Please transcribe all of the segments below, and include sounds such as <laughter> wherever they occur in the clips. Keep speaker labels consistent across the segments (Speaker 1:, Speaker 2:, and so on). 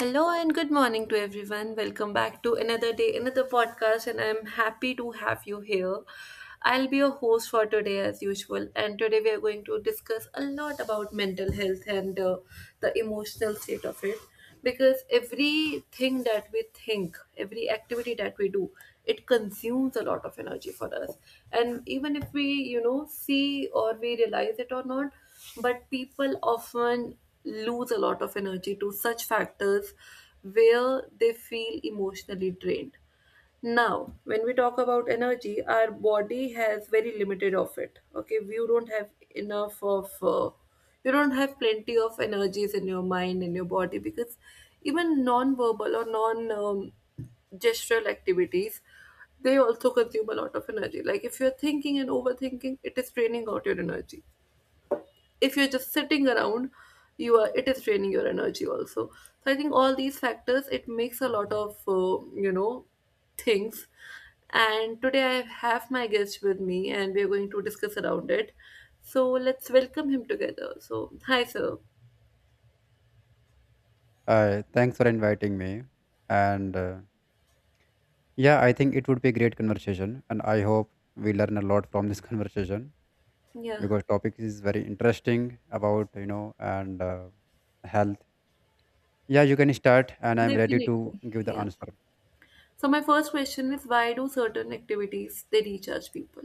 Speaker 1: Hello and good morning to everyone. Welcome back to another day, another podcast, and I'm happy to have you here. I'll be your host for today, as usual, and today we are going to discuss a lot about mental health and the emotional state of it because everything that we think, every activity that we do, it consumes a lot of energy for us. And even if we, you know, see or we realize it or not, but people often lose a lot of energy to such factors where they feel emotionally drained. Now, when we talk about energy, our body has very limited of it. Okay, you don't have enough of, you don't have plenty of energies in your mind and your body because even non-verbal or non gestural activities, they also consume a lot of energy. Like if you're thinking and overthinking, it is draining out your energy. If you're just sitting around, you are, it is draining your energy also. So I think all these factors, it makes a lot of you know things. And today I have my guest with me and we are going to discuss around it, so let's welcome him together. So hi sir.
Speaker 2: Thanks for inviting me. And yeah, I think it would be a great conversation. And I hope we learn a lot from this <laughs> conversation
Speaker 1: Yeah,
Speaker 2: because topic is very interesting about and health. Yeah, you can start, and I'm ready to
Speaker 1: definitely,
Speaker 2: give the
Speaker 1: yeah.
Speaker 2: answer.
Speaker 1: So my first question is, why do certain activities they recharge people?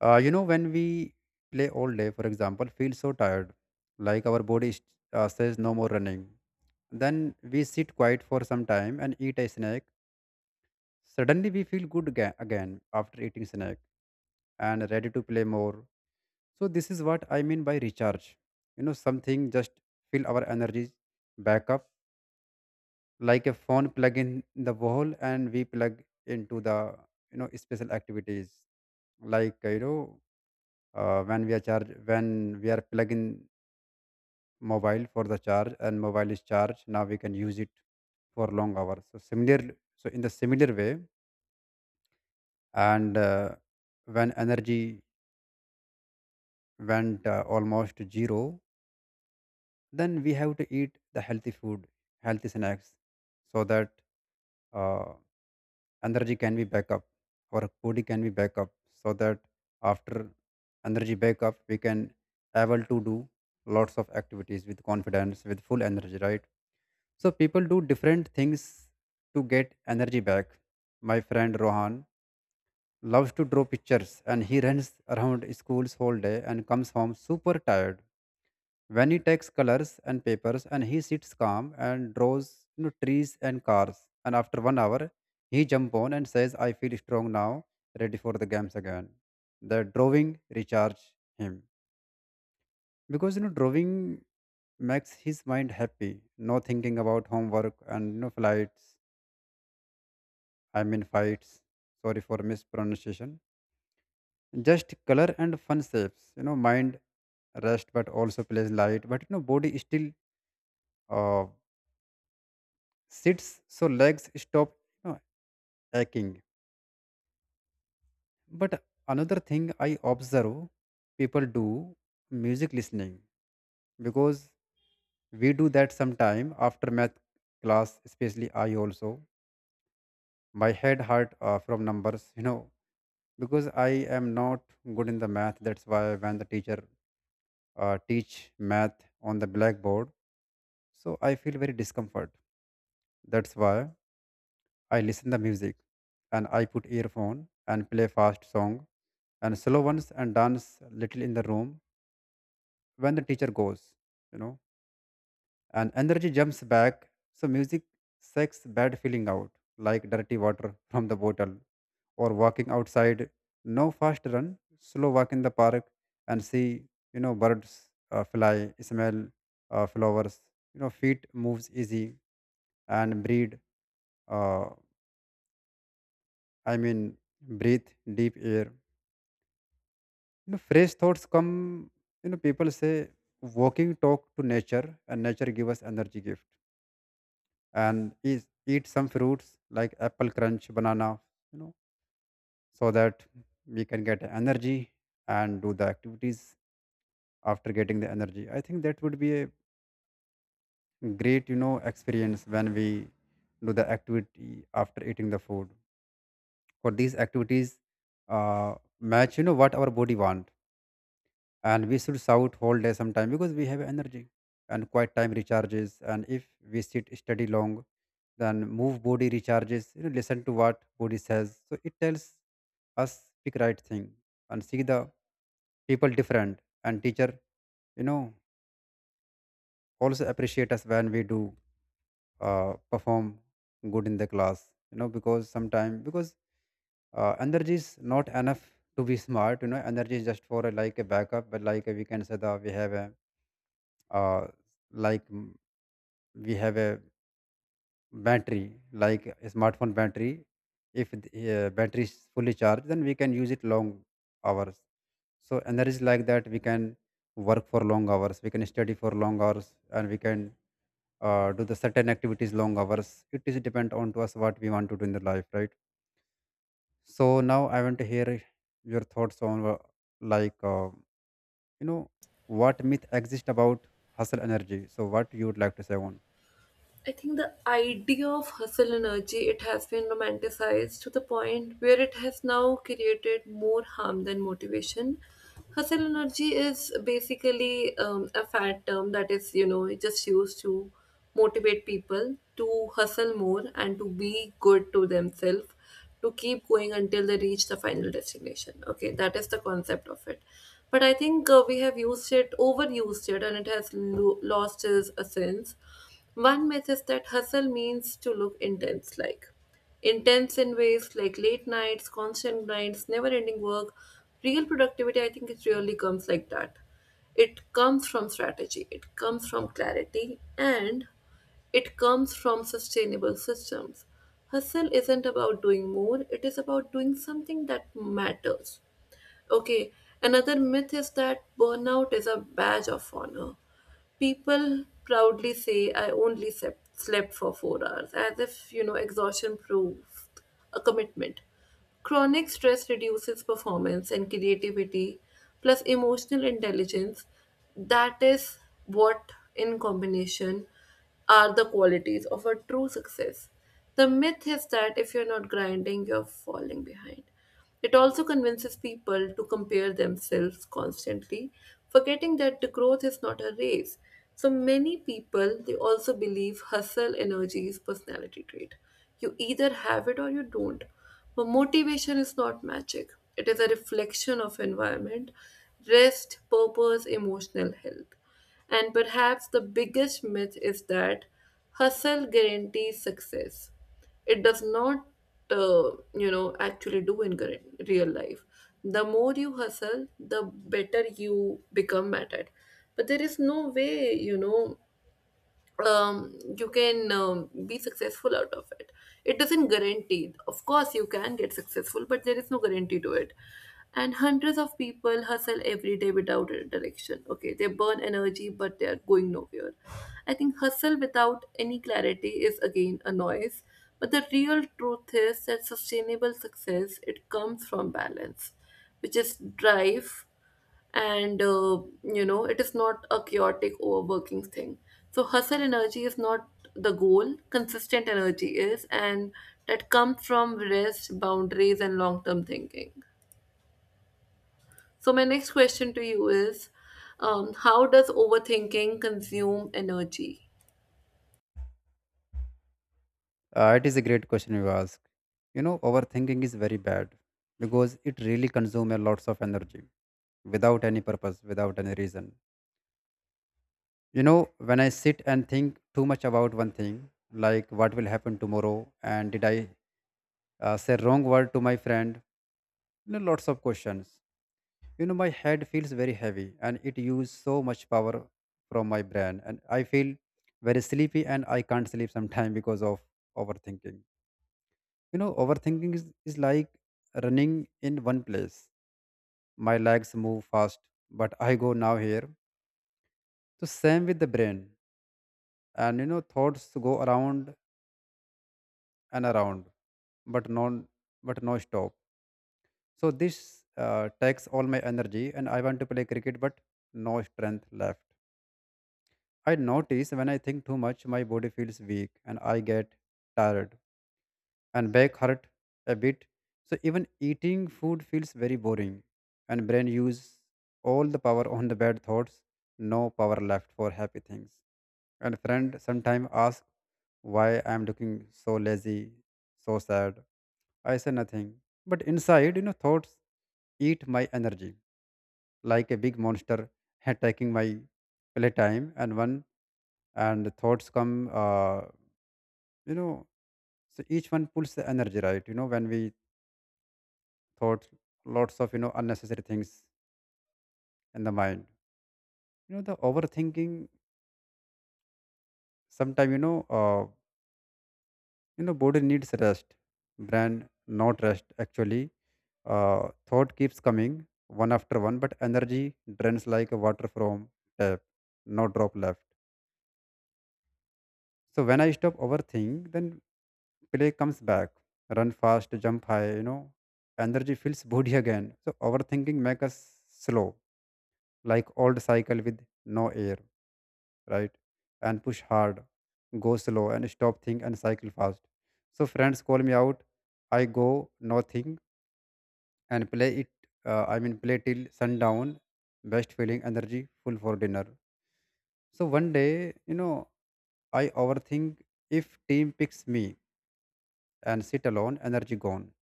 Speaker 2: When we play all day, for example, feel so tired, like our body says no more running. Then we sit quiet for some time and eat a snack. Suddenly we feel good, again after eating snack, and ready to play more. So this is what I mean by recharge. You know, something just fill our energies back up, like a phone plug in the wall, and we plug into the special activities, like when we are plugging mobile for the charge, and mobile is charged, now we can use it for long hours. So similar, so in the similar way, and when energy went almost zero, then we have to eat the healthy food, healthy snacks, so that uh, energy can be back up, our body can be back up, so that after energy back up, we can able to do lots of activities with confidence, with full energy, right? So people do different things to get energy back. My friend Rohan loves to draw pictures, and he runs around schools whole day and comes home super tired. When he takes colors and papers and he sits calm and draws, you know, trees and cars, and after 1 hour, he jump on and says, I feel strong now, ready for the games again. The drawing recharge him because, you know, drawing makes his mind happy, no thinking about homework, and no flights I mean fights, sorry for mispronunciation, just color and fun shapes. You know, mind rest, but also plays light. But you know, body is still uh, sits, so legs stop, you know, aching. But another thing I observe people do, music listening, because we do that sometime after math class, especially I also. My head hurt from numbers, you know, because I am not good in the math. That's why when the teacher teach math on the blackboard, so I feel very discomfort. That's why I listen the music, and I put earphone and play fast song and slow ones and dance little in the room when the teacher goes, you know, and energy jumps back. So music sucks bad feeling out like dirty water <laughs> from the bottle, or walking outside. No fast run, slow walk in the park, and see, you know, birds fly, smell flowers, you know, feet moves easy and breathe. Uh, I mean, breathe deep air. You know, fresh thoughts come, you know, people say walking talk to nature and nature give us energy gift, and is eat some fruits like apple crunch, banana, you know, so that we can get energy and do the activities after getting the energy. I think that would be a great, you know, experience when we do the activity after eating the food. For these activities, match, you know, what our body want. And we should shout whole day sometime because we have energy, and quiet time recharges. And if we sit study long, then move body recharges. You know, listen to what body says, so it tells us pick right thing, and see the people different, and teacher, you know, also appreciate us when we do perform good in the class, you know, because sometimes because energy is not enough to be smart. You know, energy is just for a, like a backup, but like a, we can say that we have a uh, like mm, we have a battery like a smartphone battery. If the battery is fully charged, then we can use it long hours. So energy like that, we can work for long hours, we can study for long hours, and we can do the certain activities long hours. It is depend on to us what we want to do in the life, right? So now I want to hear your thoughts on like uh, you know what myth exist about hustle energy. So what you would like to say on.
Speaker 1: I think the idea of hustle energy, it has been romanticized to the point where it has now created more harm than motivation. Hustle energy is basically a fat term that is, you know, just used to motivate people to hustle more and to be good to themselves, to keep going until they reach the final destination. Okay, that is the concept of it. But I think we have used it, overused it, and it has lost its essence. One myth is that hustle means to look intense, like intense in ways like late nights, constant nights, never ending work. Real productivity, I think, it really comes like that. It comes from strategy, it comes from clarity, and it comes from sustainable systems. Hustle isn't about doing more, it is about doing something that matters. Okay, another myth is that burnout is a badge of honor. People proudly say, I only slept for 4 hours, as if, you know, exhaustion proves a commitment. Chronic stress reduces performance and creativity, plus emotional intelligence. That is what, in combination, are the qualities of a true success. The myth is that if you're not grinding, you're falling behind. It also convinces people to compare themselves constantly, forgetting that the growth is not a race. So many people, they also believe hustle energy is personality trait. You either have it or you don't. But motivation is not magic. It is a reflection of environment, rest, purpose, emotional health. And perhaps the biggest myth is that hustle guarantees success. It does not you know actually do in current, real life. The more you hustle, the better you become at it, but there is no way, you know, you can be successful out of it. It doesn't guarantee. Of course, you can get successful, but there is no guarantee to it. And hundreds of people hustle every day without a direction. Okay, they burn energy, but they are going nowhere. I think hustle without any clarity is again a noise. But the real truth is that sustainable success, it comes from balance, which is drive, and you know, it is not a chaotic overworking thing. So hustle energy is not the goal, consistent energy is, and that comes from rest, boundaries and long term thinking. So my next question to you is, how does overthinking consume energy?
Speaker 2: It is a great question you ask. You know, overthinking is very bad because it really consumes lots of energy without any purpose, without any reason. You know, when I sit and think too much about one thing, like what will happen tomorrow, and did I say wrong word to my friend? You know, lots of questions. You know, my head feels very heavy and it uses so much power from my brain, and I feel very sleepy and I can't sleep sometime because of overthinking. You know, overthinking is like running in one place. My legs move fast, but I go now here. So same with the brain. And you know, thoughts go around and around, but non but no stop. So this takes all my energy, and I want to play cricket but no strength left. I notice when I think too much my body feels weak and I get tired and back hurt a bit. So even eating food feels very boring, and brain use all the power on the bad thoughts, no power left for happy things. And friend sometime ask why I'm looking so lazy, so sad. I say nothing. But inside, you know, thoughts eat my energy like a big monster <laughs> attacking my playtime. And thoughts come you know so each one pulls the energy, right? You know, when we thoughts, lots of, you know, unnecessary things in the mind. You know, the overthinking. Sometimes you know, body needs rest, brain not rest actually. Thought keeps coming one after one, but energy drains like water from tap, no drop left. So when I stop overthinking, then play comes back, run fast, jump high. You know, energy fills body again. So overthinking makes us slow, like old cycle with no air, right? And push hard, go slow, and stop, think, and cycle fast. So friends call me out. I go nothing and play it. I mean, play till sundown. Best feeling, energy, full for dinner. So one day, you know, I overthink if team picks me and sit alone, energy gone,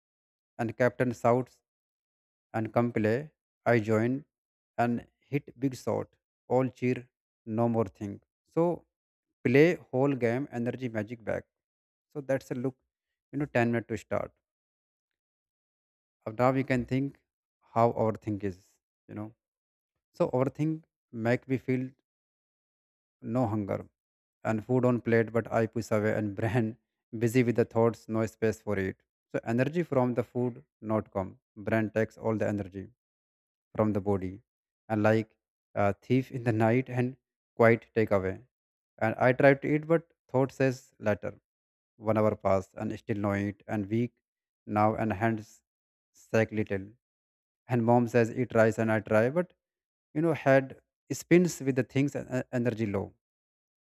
Speaker 2: and captain shouts and come play. I join and hit big shot. All cheer, no more think. So play whole game, energy magic back. So that's a look, you know, 10 minute to start. Now we can think how our think is, you know. So our think make me feel no hunger, and food on plate but I push away, and <laughs> brain busy with the thoughts, no space for it. So energy from the food not come, brain takes all the energy from the body, and like a thief in the night, and quite take away. And I try to eat but thought says later. 1 hour passed, and still no eat, and weak now, and hands shake little. And mom says, eat rice, and I try, but you know, head spins with the things, and energy low.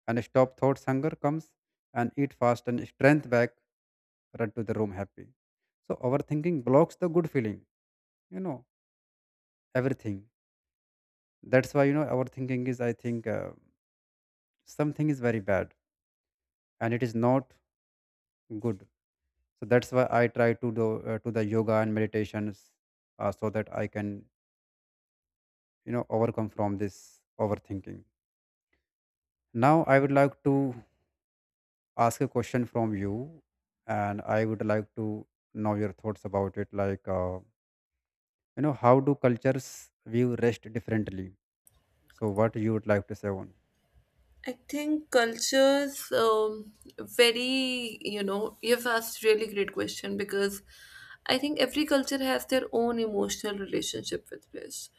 Speaker 2: And stop thoughts, hunger comes, and eat fast, and strength back, run to the room happy. So, overthinking blocks the good feeling, you know, everything. That's why, you know, overthinking is, I think, something is very bad, and it is not good. So that's why I try to do to the yoga and meditations, so that I can, you know, overcome from this overthinking. Now I would like to ask a question from you, and I would like to know your thoughts about it, like how do cultures view rest differently. So what you would like to say on.
Speaker 1: I think cultures very, you know, you've asked really great question because I think every culture has their own emotional relationship with rest.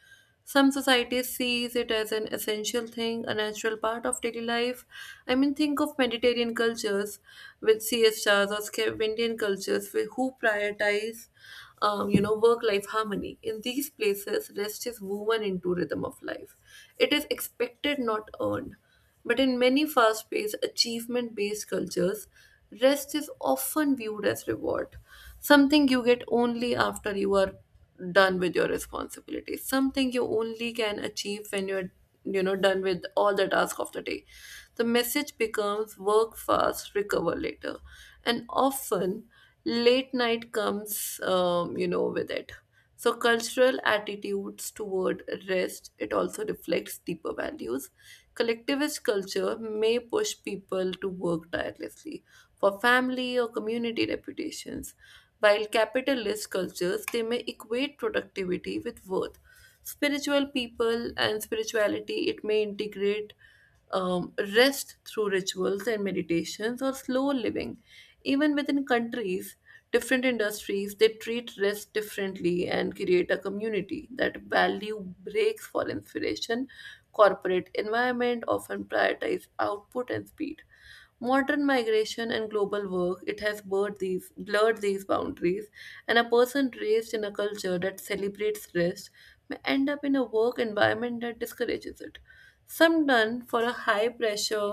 Speaker 1: Some societies sees it as an essential thing, a natural part of daily life. I mean, think of Mediterranean cultures with siestas or Scandinavian cultures with who prioritize, you know, work-life harmony. In these places, rest is woven into rhythm of life. It is expected, not earned. But in many fast paced, achievement based cultures, rest is often viewed as reward, something you get only after you are done with your responsibilities, something you only can achieve when you're, you know, done with all the tasks of the day. The message becomes work fast, recover later, and often late night comes you know with it. So, cultural attitudes toward rest, it also reflects deeper values. Collectivist culture may push people to work tirelessly for family or community reputations, while capitalist cultures, they may equate productivity with worth. Spiritual people and spirituality, it may integrate rest through rituals and meditations or slow living. Even within countries, different industries they treat risk differently and create a community that value breaks for inspiration. Corporate environment often prioritize output and speed. Modern migration and global work, it has blurred these boundaries, and a person raised in a culture that celebrates risk may end up in a work environment that discourages it. Some done for a high pressure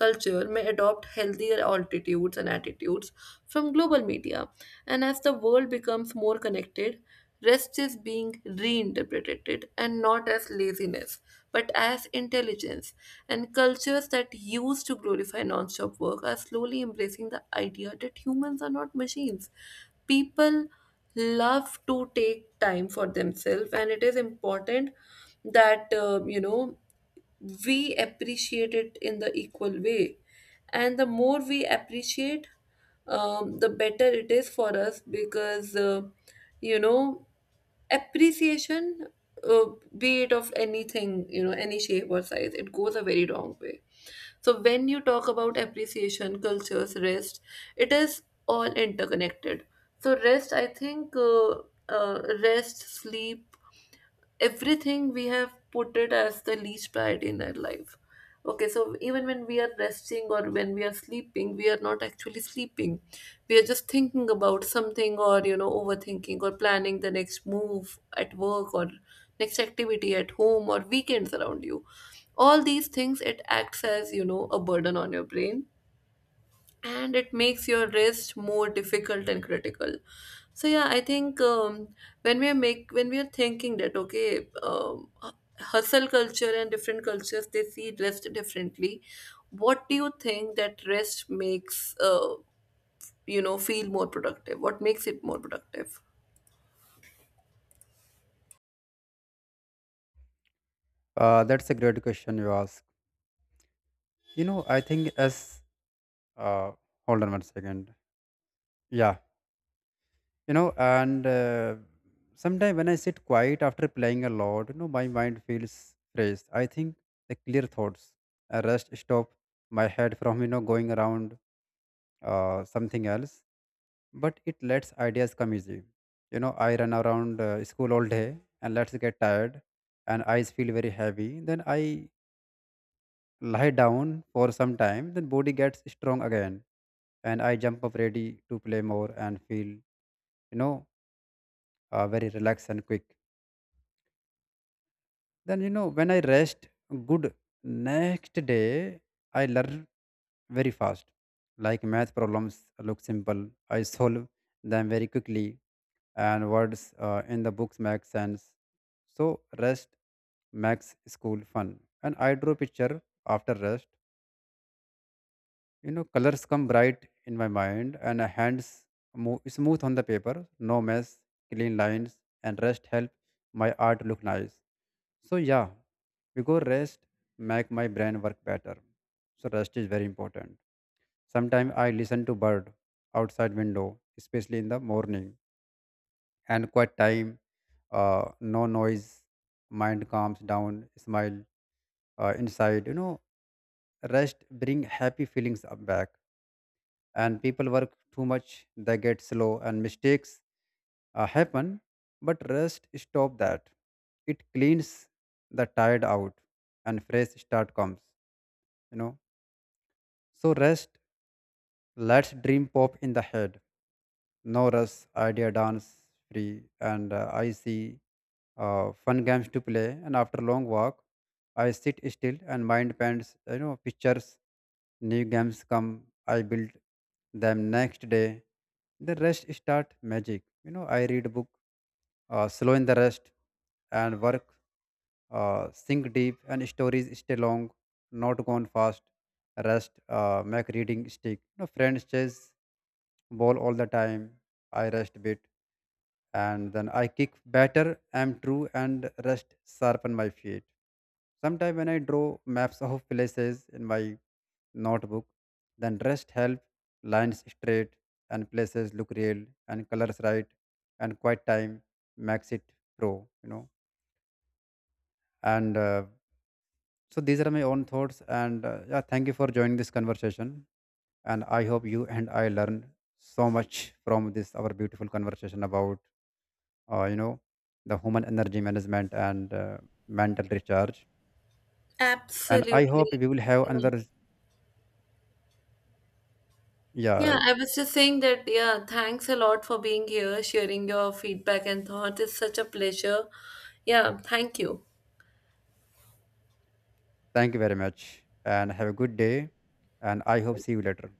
Speaker 1: culture may adopt healthier altitudes and attitudes from global media. And as the world becomes more connected, rest is being reinterpreted and not as laziness, but as intelligence. And cultures that used to glorify non-stop work are slowly embracing the idea that humans are not machines. People love to take time for themselves, and it is important that you know, we appreciate it in the equal way, and the more we appreciate, the better it is for us, because you know, appreciation, uh, be it of anything, you know, any shape or size, it goes a very long way. So when you talk about appreciation, cultures, rest, it is all interconnected. So rest, I think, rest, sleep, everything, we have put it as the least priority in our life. Okay, so even when we are resting or when we are sleeping, we are not actually sleeping. We are just thinking about something or, you know, overthinking or planning the next move at work or next activity at home or weekends around you. All these things, it acts as, you know, a burden on your brain, and it makes your rest more difficult and critical. So yeah, I think when we are thinking that, okay, hustle culture and different cultures, they see rest differently, what do you think that rest makes you know feel more productive? What makes it more productive?
Speaker 2: That's a great question you ask. You know, I think as uh, hold on one second. Yeah, you know, and sometimes when I sit quiet after playing a lot, you know, my mind feels fresh. I think the clear thoughts, a rest stop my head from, you know, going around something else, but it lets ideas come easy. You know, I run around school all day and let's get tired, and eyes feel very heavy. Then I lie down for some time, then body gets strong again, and I jump up ready to play more and feel, you know, very relaxed and quick. Then you know, when I rest good, next day I learn very fast. Like math problems look simple, I solve them very quickly, and words in the books make sense. So rest makes school fun. And I draw picture after rest, you know, colors come bright in my mind, and hands move smooth on the paper. No mess, clean lines, and rest help my art look nice. So yeah, because rest make my brain work better. So rest is very important. Sometimes I listen to bird outside window, especially in the morning, and quiet time, no noise, mind calms down, smile inside. You know, rest bring happy feelings up back. And people work too much, they get slow, and mistakes happen, but rest stop that. It cleans the tired out, and fresh start comes, you know. So rest lets dream pop in the head, no rush, idea dance free, and I see fun games to play. And after long walk, I sit still and mind paints, you know, pictures. New games come, I build them next day. The rest start magic. You know, I read book, slow in the rest, and work, think deep, and stories stay long, not gone fast. Rest, make reading stick. You know, friends chase ball all the time. I rest bit and then I kick better, am true, and rest sharpen my feet. Sometimes when I draw maps <laughs> of places in my notebook, then rest help lines straight, and places look real, and colors right, and quiet time makes it pro, you know. And So these are my own thoughts. And Yeah, thank you for joining this conversation. And I hope you and I learn so much from this our beautiful conversation about uh, you know, the human energy management and mental recharge. And I hope
Speaker 1: Absolutely,
Speaker 2: we will have
Speaker 1: yeah.
Speaker 2: another.
Speaker 1: Yeah,
Speaker 2: Yeah,
Speaker 1: I was just saying that, yeah, thanks a lot for being here, sharing your feedback and thoughts. It's such a pleasure. Yeah, thank you.
Speaker 2: thank you very much, and have a good day. And I hope see you later.